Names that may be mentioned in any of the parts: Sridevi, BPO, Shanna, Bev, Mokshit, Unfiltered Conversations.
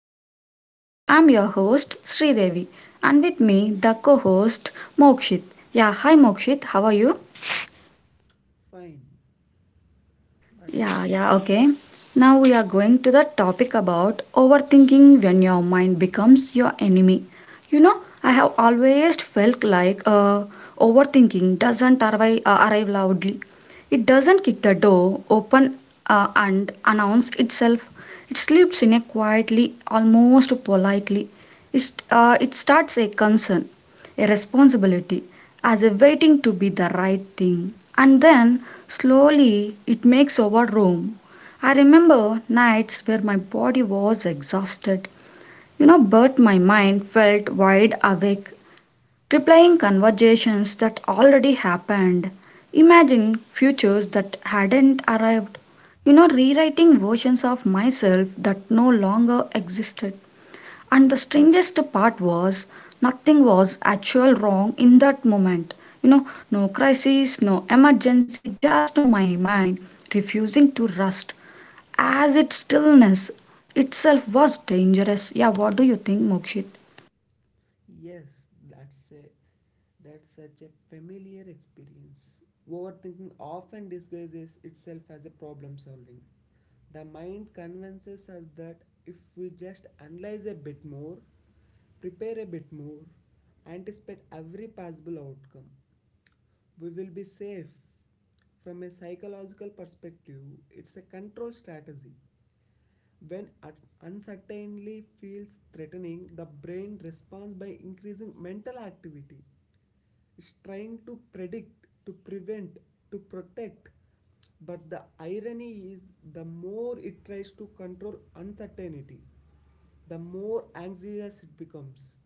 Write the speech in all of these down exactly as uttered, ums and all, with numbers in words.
podcast. I'm your host Sridevi and with me the co-host Mokshit. Yeah, hi Mokshit, how are you? Fine. What about Yeah, you? yeah, okay. Now we are going to the topic about overthinking when your mind becomes your enemy. You know, I have always felt like uh, overthinking doesn't arrive, uh, arrive loudly. It doesn't kick the door open uh, and announce itself. It sleeps in a quietly, almost politely. It, uh, it starts a concern, a responsibility, as if waiting to be the right thing. And then slowly it makes over room. I remember nights where my body was exhausted, you know, but my mind felt wide awake, replaying conversations that already happened, imagine futures that hadn't arrived, you know, rewriting versions of myself that no longer existed. And the strangest part was, nothing was actual wrong in that moment. You know, no crisis, no emergency, just my mind refusing to rest, as its stillness itself was dangerous. Yeah, what do you think, Mokshit? Yes, that's a that's such a familiar experience. Overthinking often disguises itself as a problem solving. The mind convinces us that if we just analyze a bit more, prepare a bit more, anticipate every possible outcome, we will be safe. From a psychological perspective, it's a control strategy. When uncertainty feels threatening, the brain responds by increasing mental activity. It's trying to predict, to prevent, to protect. But the irony is, the more it tries to control uncertainty, the more anxious it becomes.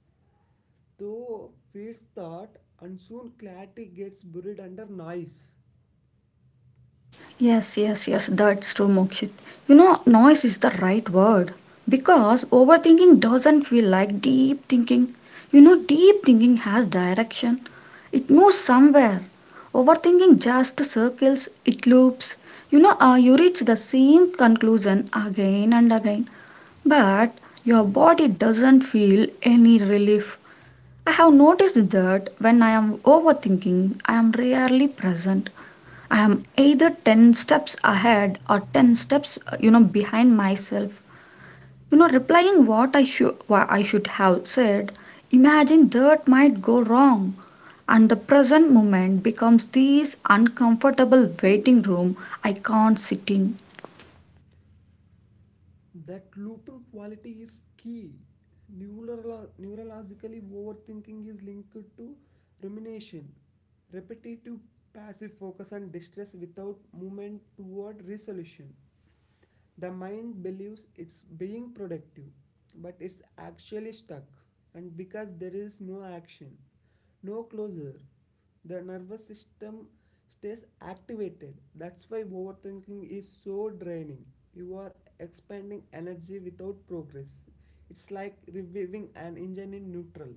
Though feeds thought, and soon clarity gets buried under noise. Yes, yes, yes, that's true, Mokshit. You know, noise is the right word because overthinking doesn't feel like deep thinking. You know, deep thinking has direction, it moves somewhere. Overthinking just circles, it loops. You know, uh, you reach the same conclusion again and again, but your body doesn't feel any relief. I have noticed that when I am overthinking, I am rarely present. I am either ten steps ahead or ten steps, you know, behind myself, you know, replying what i should what i should have said, imagine that might go wrong, and the present moment becomes this uncomfortable waiting room I can't sit in. That looping quality is key. Neurolo- neurologically, overthinking is linked to rumination, repetitive passive focus, and distress without movement toward resolution. The mind believes it's being productive, but it's actually stuck, and because there is no action, no closure, the nervous system stays activated. That's why overthinking is so draining. You are expending energy without progress. It's like reviving an engine in neutral.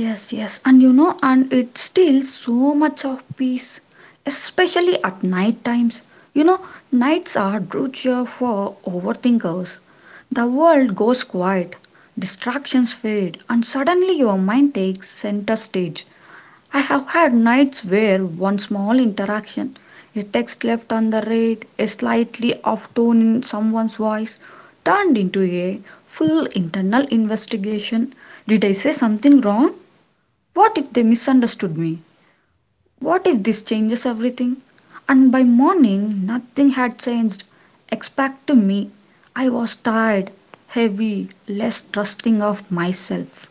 Yes, yes, and you know, and it steals so much of peace, especially at night times. You know, nights are brutal for overthinkers. The world goes quiet, distractions fade, and suddenly your mind takes center stage. I have had nights where one small interaction, a text left on the read, a slightly off tone in someone's voice, turned into a full internal investigation. Did I say something wrong? What if they misunderstood me? What if this changes everything? And by morning nothing had changed except to me. I was tired, heavy, less trusting of myself.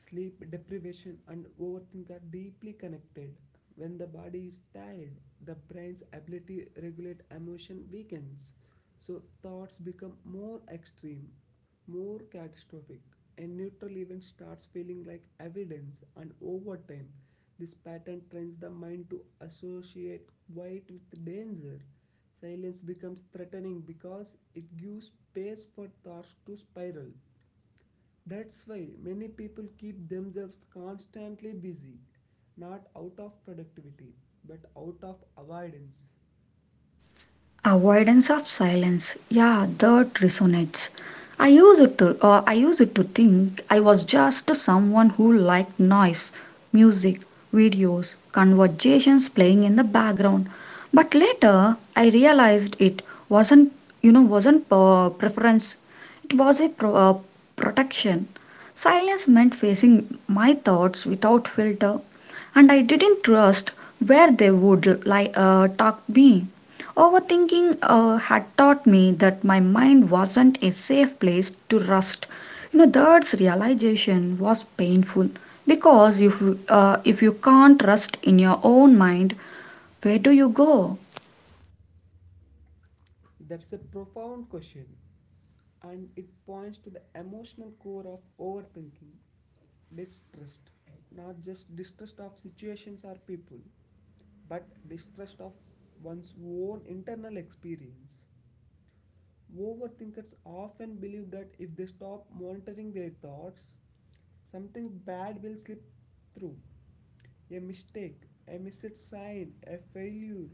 Sleep deprivation and overthink are deeply connected. When the body is tired, the brain's ability to regulate emotion weakens. So thoughts become more extreme, more catastrophic. A neutral event starts feeling like evidence, and over time this pattern trains the mind to associate quiet with danger. Silence becomes threatening because it gives space for thoughts to spiral. That's why many people keep themselves constantly busy, not out of productivity, but out of avoidance. Avoidance of silence. Yeah, that resonates. I used it to uh, I used it to think I was just someone who liked noise, music, videos, conversations playing in the background. But later I realized it wasn't, you know wasn't uh, preference. It was a pro- uh, protection. Silence meant facing my thoughts without filter, and I didn't trust where they would like uh, talk me. Overthinking uh, had taught me that my mind wasn't a safe place to rest. You know, that realization was painful because if uh, if you can't rest in your own mind, where do you go? That's a profound question, and it points to the emotional core of overthinking distrust, not just distrust of situations or people, but distrust of one's own internal experience. Overthinkers often believe that if they stop monitoring their thoughts, something bad will slip through. A mistake, a missed sign, a failure.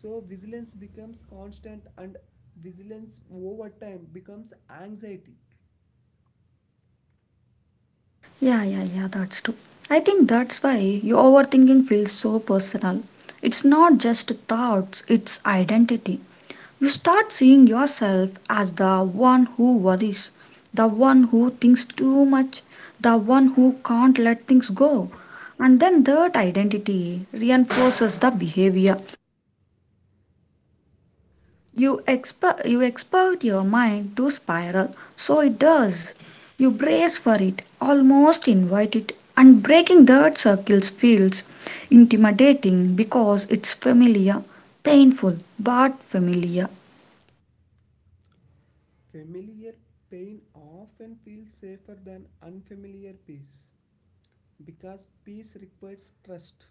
So, vigilance becomes constant, and vigilance over time becomes anxiety. Yeah, yeah, yeah, that's true. I think that's why your overthinking feels so personal. It's not just thoughts, it's identity. You start seeing yourself as the one who worries, the one who thinks too much, the one who can't let things go. And then that identity reinforces the behavior. You expect you expect your mind to spiral, so it does. You brace for it, almost invite it, and breaking that circle feels intimidating because it's familiar, painful, but familiar. Familiar pain often feels safer than unfamiliar peace because peace requires trust.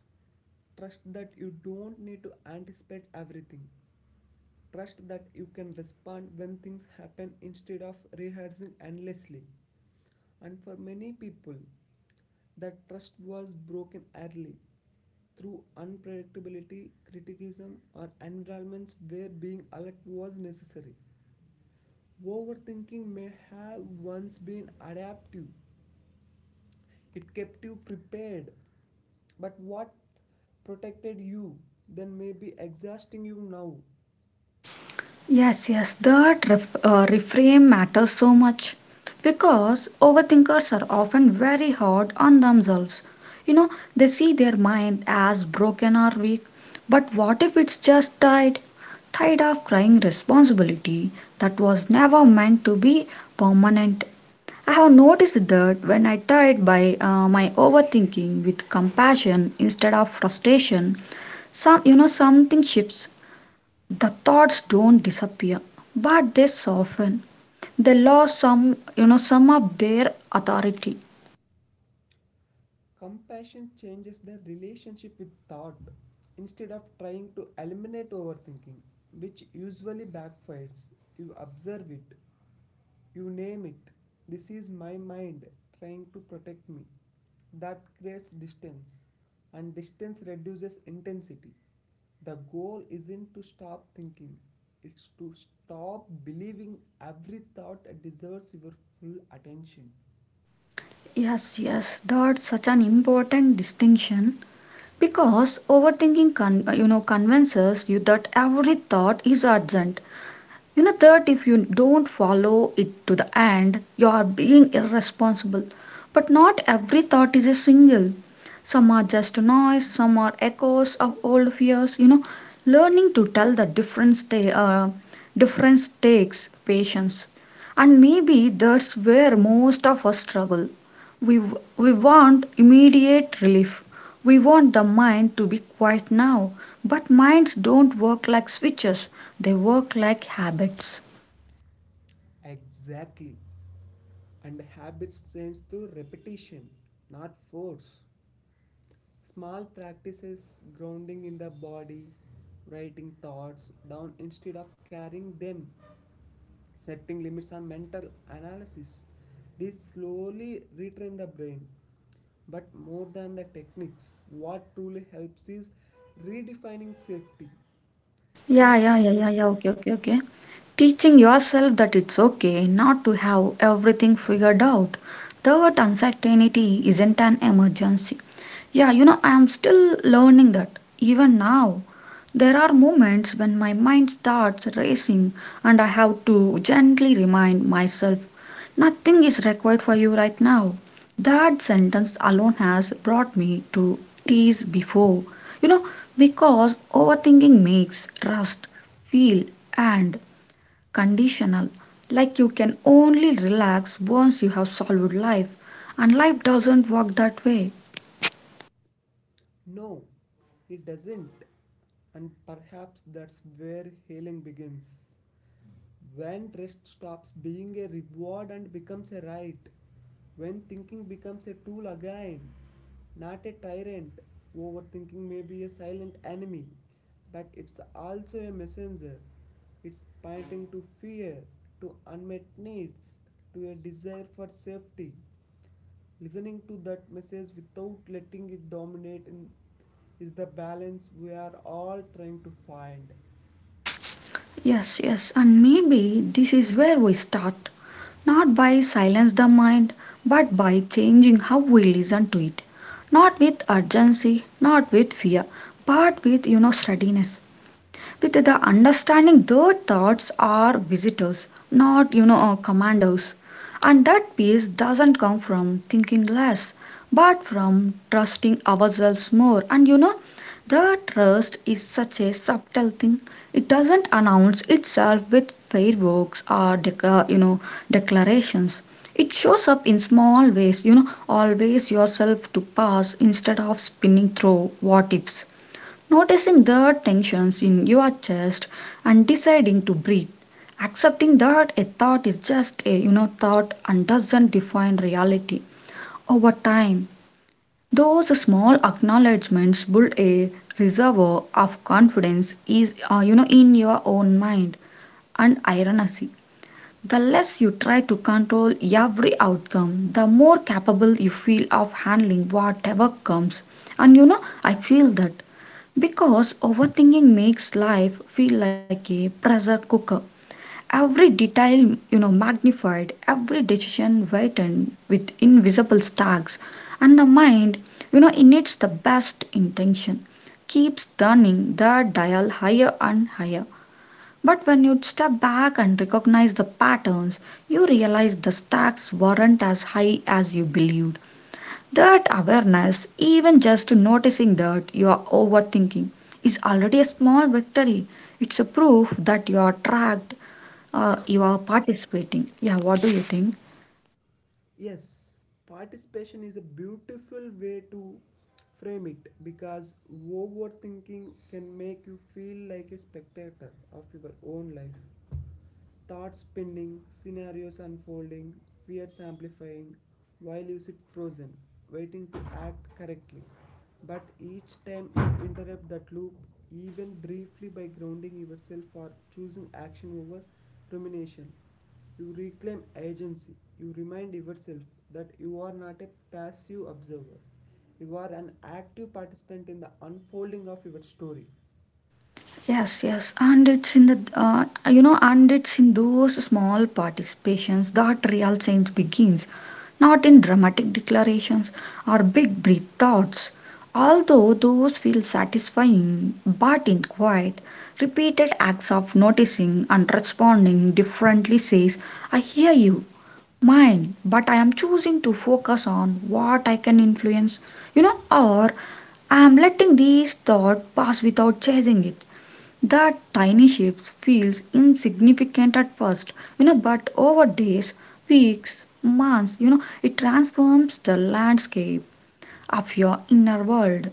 Trust that you don't need to anticipate everything. Trust that you can respond when things happen instead of rehearsing endlessly. And for many people, that trust was broken early through unpredictability, criticism, or environments where being alert was necessary. Overthinking may have once been adaptive, it kept you prepared, but what protected you then may be exhausting you now. Yes, yes, that ref, uh, reframe matters so much because overthinkers are often very hard on themselves. You know, they see their mind as broken or weak, but what if it's just tired? Tired of crying responsibility that was never meant to be permanent. I have noticed that when I tired by uh, my overthinking with compassion instead of frustration, some you know something shifts. The thoughts don't disappear, but they soften. They lost some you know some of their authority. Compassion changes the relationship with thought. Instead of trying to eliminate overthinking, which usually backfires, you observe it, you name it. This is my mind trying to protect me. That creates distance, and distance reduces intensity. The goal isn't to stop thinking, it's to stop believing every thought deserves your full attention. Yes, yes, that's such an important distinction because overthinking con- you know convinces you that every thought is urgent. You know, that if you don't follow it to the end, you are being irresponsible. But not every thought is a single. Some are just noise, some are echoes of old fears. You know, learning to tell the difference, ta- uh, difference takes patience. And maybe that's where most of us struggle. We, we want immediate relief, we want the mind to be quiet now, but minds don't work like switches. They work like habits. Exactly. And habits change through repetition, not force. Small practices, grounding in the body, writing thoughts down instead of carrying them, setting limits on mental analysis. These slowly retrain the brain. But more than the techniques, what truly helps is redefining safety, Yeah, teaching yeah, yeah, yourself. yeah, yeah. Okay, okay, okay. Teaching yourself that it's okay not to have everything figured out. That uncertainty isn't an emergency. Yeah, you know, I am still learning that. Even now, there are moments when my mind starts racing and I have to gently remind myself, nothing is required for you right now. That sentence alone has brought me to tears before. You know, because overthinking makes rust, feel, and conditional. Like you can only relax once you have solved life, and life doesn't work that way. No, it doesn't, and perhaps that's where healing begins. When rest stops being a reward and becomes a right. When thinking becomes a tool again, not a tyrant. Overthinking may be a silent enemy, but it's also a messenger. It's pointing to fear, to unmet needs, to a desire for safety. Listening to that message without letting it dominate in, is the balance we are all trying to find. Yes, yes, and maybe this is where we start. Not by silence the mind, but by changing how we listen to it. Not with urgency, not with fear, but with, you know, steadiness, with the understanding their thoughts are visitors, not, you know uh, commanders. And that peace doesn't come from thinking less, but from trusting ourselves more. And you know, the trust is such a subtle thing. It doesn't announce itself with fireworks or deca- you know declarations. It shows up in small ways. You know, always yourself to pass instead of spinning through what ifs. Noticing the tensions in your chest and deciding to breathe. Accepting that a thought is just a, you know, thought and doesn't define reality. Over time, those small acknowledgments build a reservoir of confidence is uh, you know, in your own mind, and ironically the less you try to control every outcome, the more capable you feel of handling whatever comes. And you know, I feel that because overthinking makes life feel like a pressure cooker. Every detail, you know, magnified, every decision weighted with invisible stacks, and the mind, you know, in its the best intention, keeps turning the dial higher and higher. But when you step back and recognize the patterns, you realize the stacks weren't as high as you believed. That awareness, even just noticing that you are overthinking, is already a small victory. It's a proof that you are tracked, uh, you are participating. Yeah, what do you think? Yes, participation is a beautiful way to frame it because overthinking can make you feel like a spectator of your own life. Thoughts spinning, scenarios unfolding, fears amplifying, while you sit frozen, waiting to act correctly. But each time you interrupt that loop, even briefly by grounding yourself or choosing action over rumination, you reclaim agency. You remind yourself that you are not a passive observer, you are an active participant in the unfolding of your story. Yes, yes, and it's in the uh, you know, and it's in those small participations that real change begins, not in dramatic declarations or big breath thoughts. Although those feel satisfying, but in quiet, repeated acts of noticing and responding differently says, "I hear you, mine, but I am choosing to focus on what I can influence," you know, or I am letting these thought pass without chasing it. That tiny ship feels insignificant at first, you know, but over days, weeks, months, you know, it transforms the landscape of your inner world.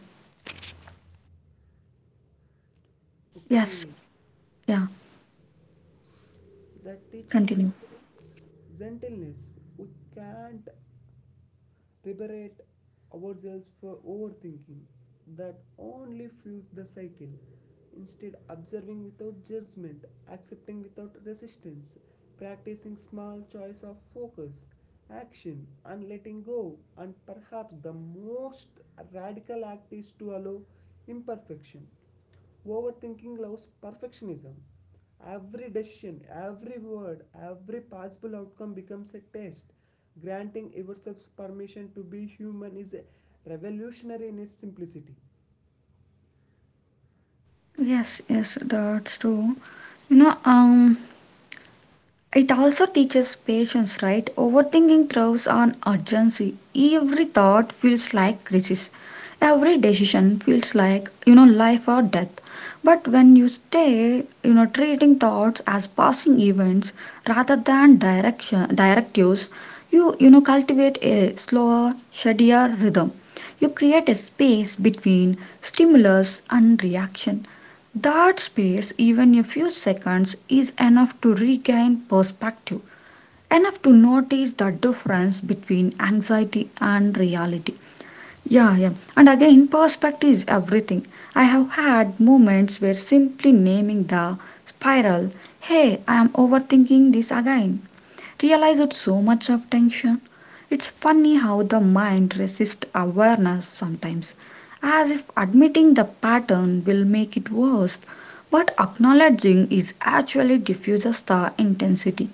Yes. Okay. Yeah, That teaching continue. requires gentleness. We can't liberate ourselves for overthinking. That only fuels the cycle. Instead, observing without judgment, accepting without resistance, practicing small choice of focus, action, and letting go. And perhaps the most radical act is to allow imperfection. Overthinking loves perfectionism. Every decision, every word, every possible outcome becomes a test. Granting yourself permission to be human is revolutionary in its simplicity. Yes, yes, that's true. you know um It also teaches patience, right? Overthinking thrives on urgency. Every thought feels like crisis. Every decision feels like, you know, life or death. But when you stay, you know, treating thoughts as passing events rather than direction, directives, you, you know, cultivate a slower, steadier rhythm. You create a space between stimulus and reaction. That space, even a few seconds, is enough to regain perspective, enough to notice the difference between anxiety and reality. Yeah, yeah. And again, perspective is everything. I have had moments where simply naming the spiral, hey, I am overthinking this again, realize it's so much of tension. It's funny how the mind resists awareness sometimes, as if admitting the pattern will make it worse, but acknowledging is actually diffuses the intensity.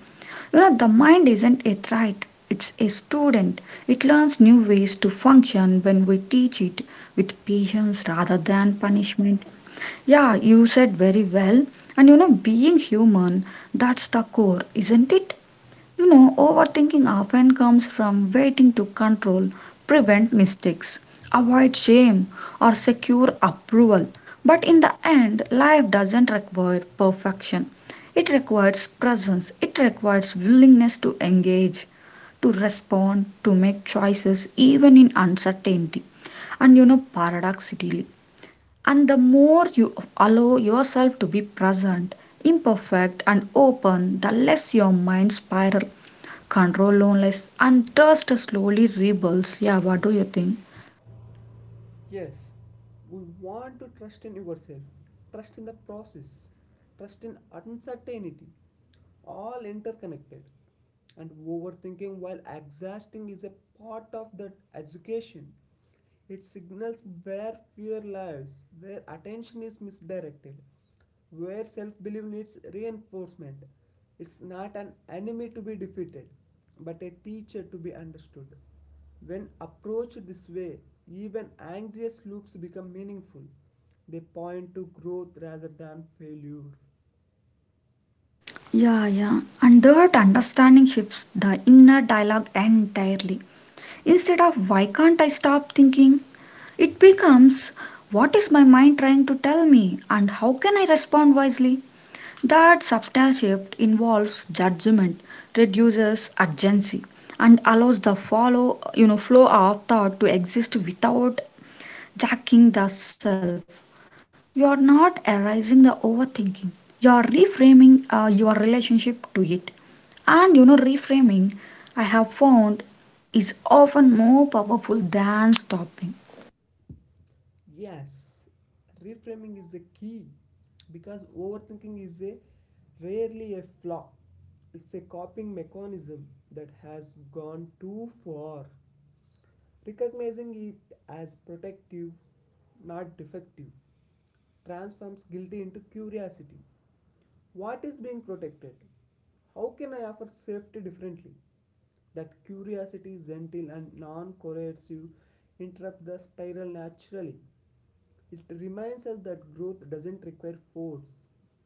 You know, the mind isn't a threat, it's a student. It learns new ways to function when we teach it with patience rather than punishment. Yeah, you said very well. And you know, being human, that's the core, isn't it? You know, overthinking often comes from waiting to control, prevent mistakes, avoid shame, or secure approval. But in the end, life doesn't require perfection. It requires presence, it requires willingness to engage, to respond, to make choices even in uncertainty. And you know, paradoxically, and the more you allow yourself to be present, imperfect, and open, the less your mind spiral. Control loneliness and thirst slowly rebuilds. Yeah, what do you think? Yes, we want to trust in yourself, trust in the process, trust in uncertainty, all interconnected. And overthinking while exhausting is a part of that education. It signals where fear lies, where attention is misdirected, where self belief needs reinforcement. It's not an enemy to be defeated, but a teacher to be understood. When approached this way, even anxious loops become meaningful. They point to growth rather than failure. Yeah, yeah. And that understanding shifts the inner dialogue entirely. Instead of why can't I stop thinking, it becomes what is my mind trying to tell me and how can I respond wisely? That subtle shift involves judgment, reduces urgency, and allows the follow you know flow of thought to exist without jacking the self. You are not arising the overthinking. You are reframing uh, your relationship to it. And you know, reframing, I have found, is often more powerful than stopping. Yes, reframing is the key because overthinking is a rarely a flaw. It's a coping mechanism that has gone too far. Recognizing it as protective, not defective, transforms guilt into curiosity. What is being protected? How can I offer safety differently? That curiosity, gentle and non coercive, interrupts the spiral naturally. It reminds us that growth doesn't require force,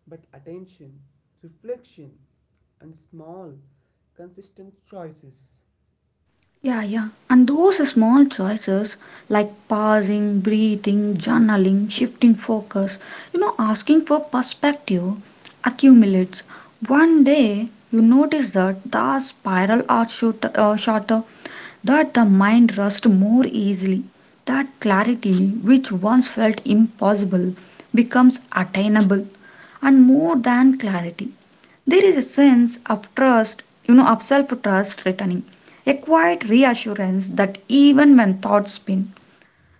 but attention, reflection, and small, consistent choices. Yeah, yeah. And those small choices like pausing, breathing, journaling, shifting focus, you know, asking for perspective accumulates. One day you notice that the spiral are shoot, uh, shorter, that the mind rusts more easily, that clarity which once felt impossible becomes attainable, and more than clarity there is a sense of trust, you know, of self trust returning, a quiet reassurance that even when thoughts spin,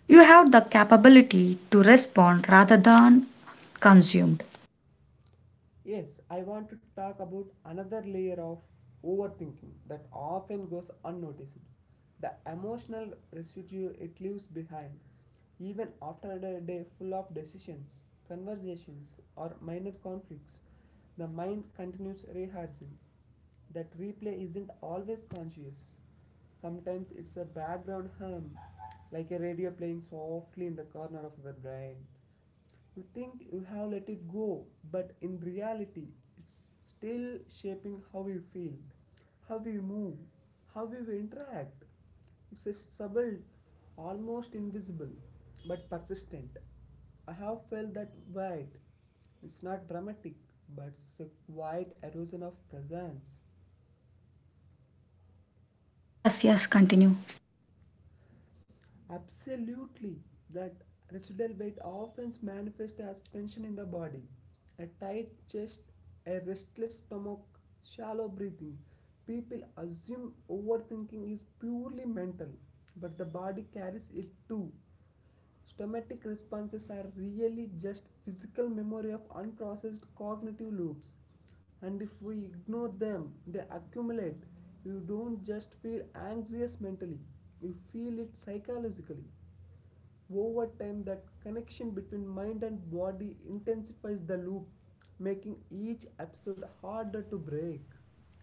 you have the capability to respond rather than consumed. Yes, I want to talk about another layer of overthinking that often goes unnoticed, the emotional residue it leaves behind, even after a day full of decisions, conversations, or minor conflicts. The mind continues rehearsing. That replay isn't always conscious. Sometimes it's a background hum, like a radio playing softly in the corner of the brain. You think you have let it go, but in reality, it's still shaping how you feel, how you move, how you interact. It's a subtle, almost invisible, but persistent. I have felt that weight. It's not dramatic, but it's a quiet erosion of presence. Yes, yes, continue. Absolutely. That residual weight often manifests as tension in the body, a tight chest, a restless stomach, shallow breathing. People assume overthinking is purely mental, but the body carries it too. Stomatic responses are really just physical memory of unprocessed cognitive loops, and if we ignore them, they accumulate. You don't just feel anxious mentally, you feel it psychologically. Over time, that connection between mind and body intensifies the loop, making each episode harder to break.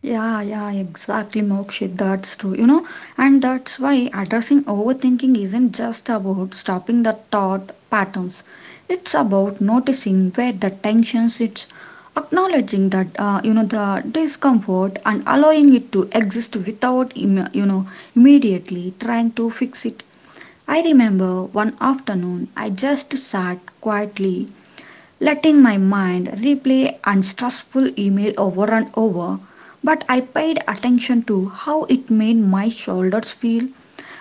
Yeah, yeah, exactly, Mokshit. That's true, you know, and that's why addressing overthinking isn't just about stopping the thought patterns. It's about noticing where the tension sits, acknowledging that uh, you know the discomfort and allowing it to exist without im- you know immediately trying to fix it. I remember one afternoon I just sat quietly letting my mind replay unstressful email over and over, but I paid attention to how it made my shoulders feel.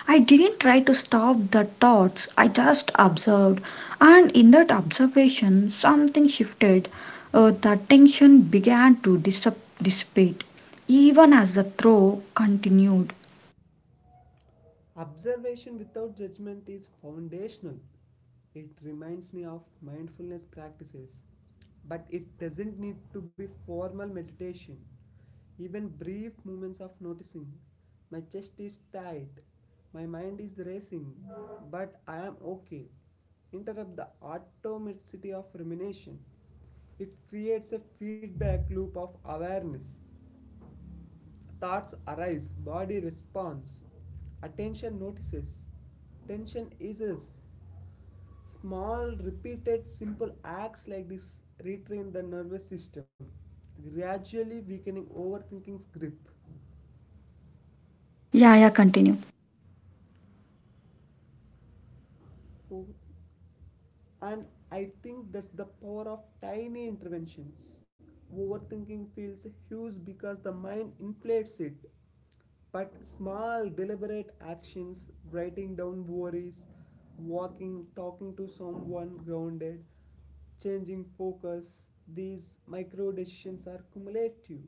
I didn't try to stop the thoughts, I just observed, and in that observation, something shifted. Uh, the tension began to dis- dissipate, even as the throw continued. Observation without judgment is foundational. It reminds me of mindfulness practices, but it doesn't need to be formal meditation. Even brief moments of noticing my chest is tight, my mind is racing, but I am okay. Interrupt the automaticity of rumination. It creates a feedback loop of awareness. Thoughts arise, body responds, attention notices, tension eases. Small, repeated, simple acts like this retrain the nervous system, gradually weakening overthinking's grip. Yeah, yeah, continue. Oh, and I think that's the power of tiny interventions. Overthinking feels huge because the mind inflates it. But small, deliberate actions, writing down worries, walking, talking to someone grounded, changing focus, these micro decisions are cumulative.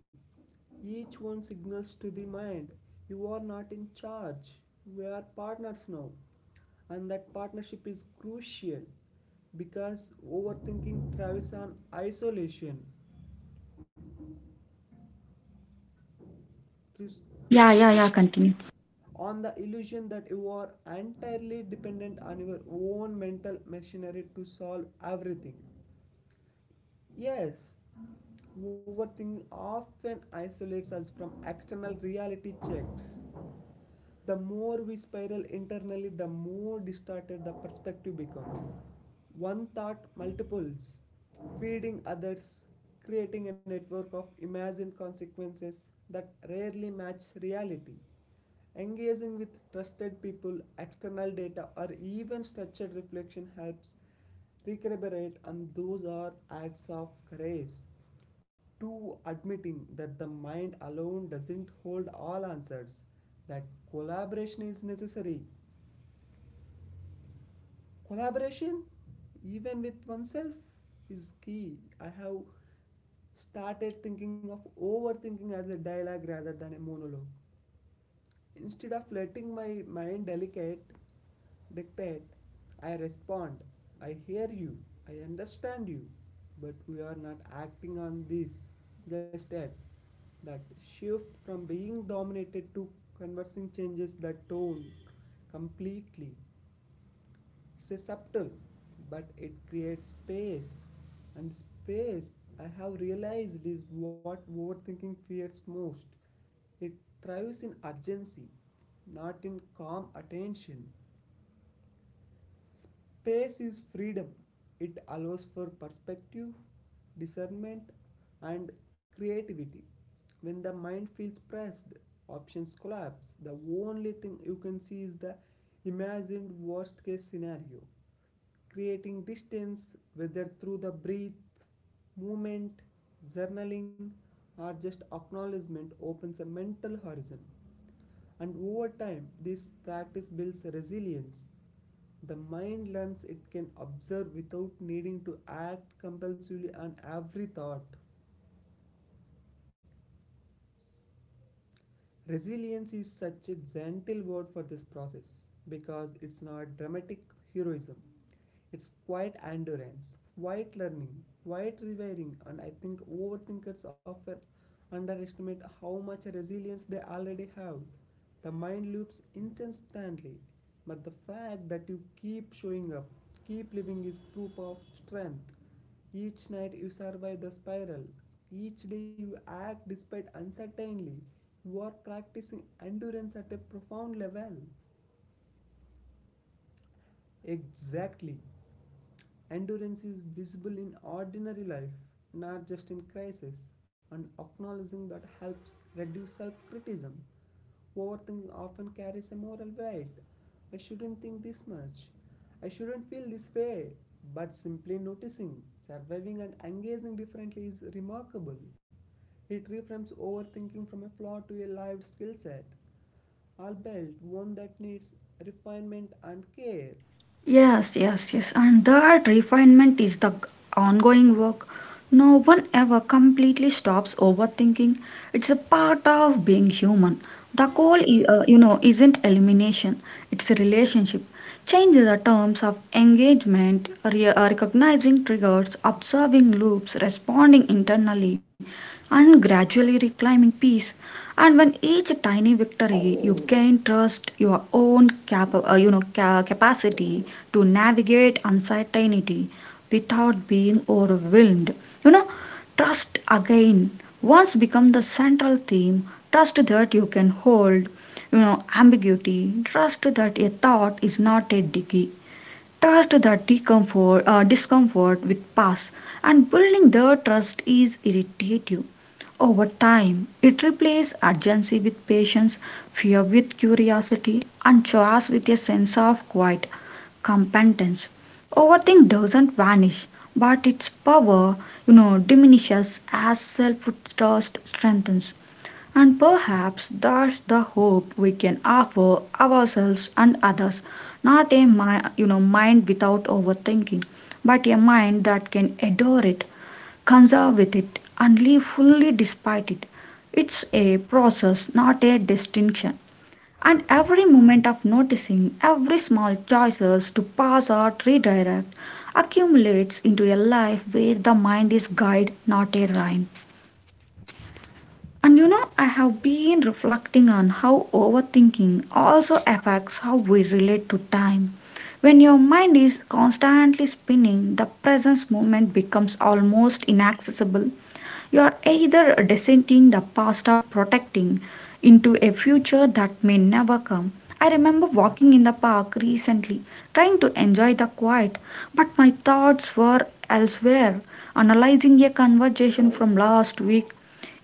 Each one signals to the mind, you are not in charge, we are partners now, and that partnership is crucial because overthinking thrives on isolation, thrives Yeah, yeah, yeah, continue. on the illusion that you are entirely dependent on your own mental machinery to solve everything. Yes, overthinking often isolates us from external reality checks. The more we spiral internally, the more distorted the perspective becomes. One thought multiples, feeding others, creating a network of imagined consequences that rarely match reality. Engaging with trusted people, external data, or even structured reflection helps recuperate, and those are acts of grace to admitting that the mind alone doesn't hold all answers, that collaboration is necessary. Collaboration, even with oneself, is key. I have started thinking of overthinking as a dialogue rather than a monologue. Instead of letting my mind delicate dictate, I respond. I hear you. I understand you. But we are not acting on this. Just that. That shift from being dominated to conversing changes the tone completely. It's a subtle, but it creates space. And space, I have realized, is what overthinking fears most. It thrives in urgency, not in calm attention. Space is freedom. It allows for perspective, discernment, and creativity. When the mind feels pressed, options collapse. The only thing you can see is the imagined worst case scenario. Creating distance, whether through the breath, movement, journaling, or just acknowledgement, opens a mental horizon. And over time, this practice builds resilience. The mind learns it can observe without needing to act compulsively on every thought. Resilience is such a gentle word for this process because it's not dramatic heroism. It's quiet endurance, quiet learning, quiet rewiring, and I think overthinkers often underestimate how much resilience they already have. The mind loops incessantly, but the fact that you keep showing up, keep living is proof of strength. Each night you survive the spiral. Each day you act despite uncertainty. You are practicing endurance at a profound level. Exactly. Endurance is visible in ordinary life, not just in crisis, and acknowledging that helps reduce self criticism. Overthinking often carries a moral weight. I shouldn't think this much. I shouldn't feel this way. But simply noticing, surviving, and engaging differently is remarkable. It reframes overthinking from a flaw to a lived skill set, albeit one that needs refinement and care. Yes, yes, yes. And that refinement is the ongoing work. No one ever completely stops overthinking. It's a part of being human. The goal, i- uh, you know, isn't elimination. It's a relationship. Change the terms of engagement, re- uh, recognizing triggers, observing loops, responding internally, and gradually reclaiming peace. And when each tiny victory you gain trust your own cap- uh, you know ca- capacity to navigate uncertainty without being overwhelmed. You know, trust again once become the central theme. Trust that you can hold, you know, ambiguity. Trust that a thought is not a dicky, trust that discomfort, uh, discomfort with pass, and building the trust is irritative. Over time, it replaces urgency with patience, fear with curiosity, and choice with a sense of quiet competence. Overthink doesn't vanish, but its power, you know, diminishes as self-trust strengthens. And perhaps that's the hope we can offer ourselves and others, not a mi- you know mind without overthinking, but a mind that can adore it, conserve with it, and live fully despite it. It's a process, not a distinction. And every moment of noticing, every small choices to pass or redirect accumulates into a life where the mind is guide, not a rhyme. And you know, I have been reflecting on how overthinking also affects how we relate to time. When your mind is constantly spinning, the present moment becomes almost inaccessible. You are either descending the past of protecting into a future that may never come. I remember walking in the park recently, trying to enjoy the quiet, but my thoughts were elsewhere, analyzing a conversation from last week,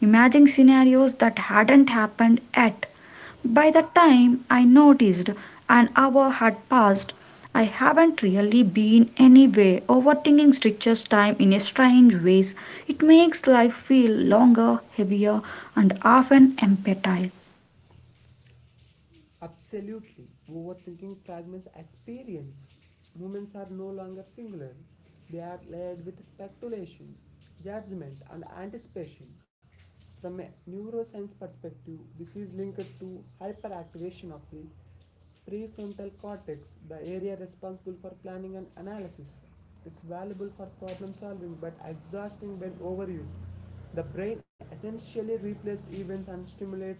imagining scenarios that hadn't happened yet. By the time I noticed an hour had passed, I haven't really been anywhere. Overthinking stretches time in a strange ways. It makes life feel longer, heavier, and often empty. Absolutely. Overthinking fragments experience. Moments are no longer singular, they are layered with speculation, judgment, and anticipation. From a neuroscience perspective, this is linked to hyperactivation of the prefrontal cortex, the area responsible for planning and analysis. It's valuable for problem solving but exhausting when overused. The brain essentially replaces events and stimulates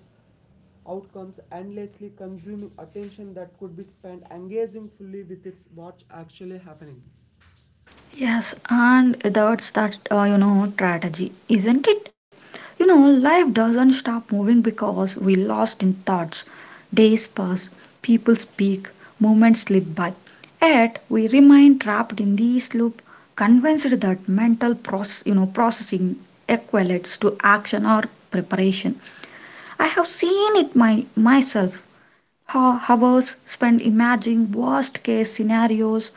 outcomes, endlessly consuming attention that could be spent engaging fully with its what's actually happening. Yes, and that's that, uh, you know, strategy, isn't it? You know, life doesn't stop moving because we lost in thoughts. Days pass, people speak, moments slip by. Yet we remain trapped in this loop, convinced that mental process, you know, processing equates to action or preparation. I have seen it my myself. Ho- Hours spent imagining worst case scenarios,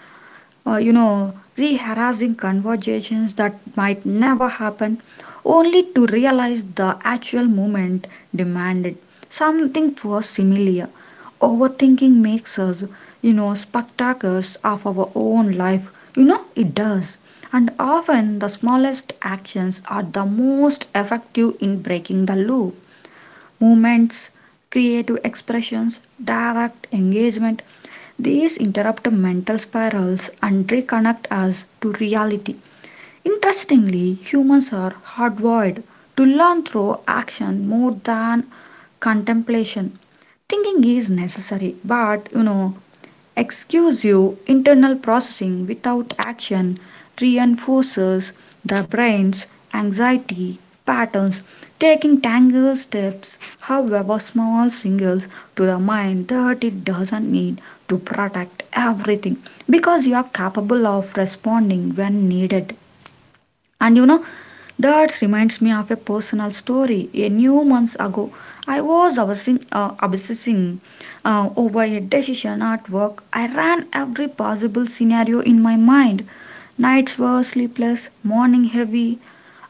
uh, you know, reharassing conversations that might never happen, only to realize the actual moment demanded something far similar. Overthinking makes us, you know, spectators of our own life. You know, it does. And often the smallest actions are the most effective in breaking the loop movements, creative expressions, direct engagement. These interrupt mental spirals and reconnect us to reality. Interestingly, humans are hardwired to learn through action more than contemplation. Thinking is necessary, but you know, exclusive internal processing without action reinforces the brain's anxiety patterns. Taking tangible steps, however small, signals to the mind that it doesn't need to protect everything because you are capable of responding when needed. And you know, that reminds me of a personal story. A few months ago, I was obsessing, uh, obsessing uh, over a decision at work. I ran every possible scenario in my mind. Nights were sleepless, morning heavy,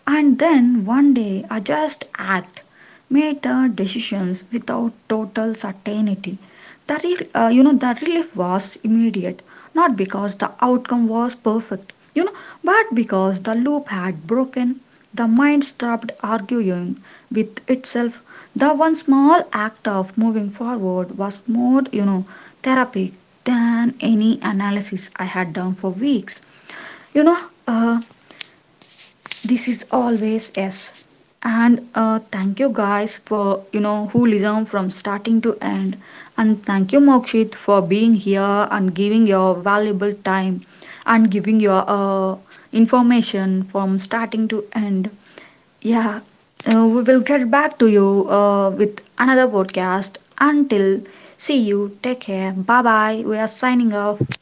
and then one day I just act, made the decisions without total certainty. The re- uh, you know the relief was immediate, not because the outcome was perfect, you know, but because the loop had broken. The mind stopped arguing with itself. The one small act of moving forward was more, you know, therapy than any analysis I had done for weeks. You know, uh, this is always yes. And uh, thank you guys for you know who listen from starting to end. And thank you Mokshit for being here and giving your valuable time and giving your uh, information from starting to end. Yeah, uh, we will get back to you uh, with another podcast. Until see you, take care. Bye bye. We are signing off.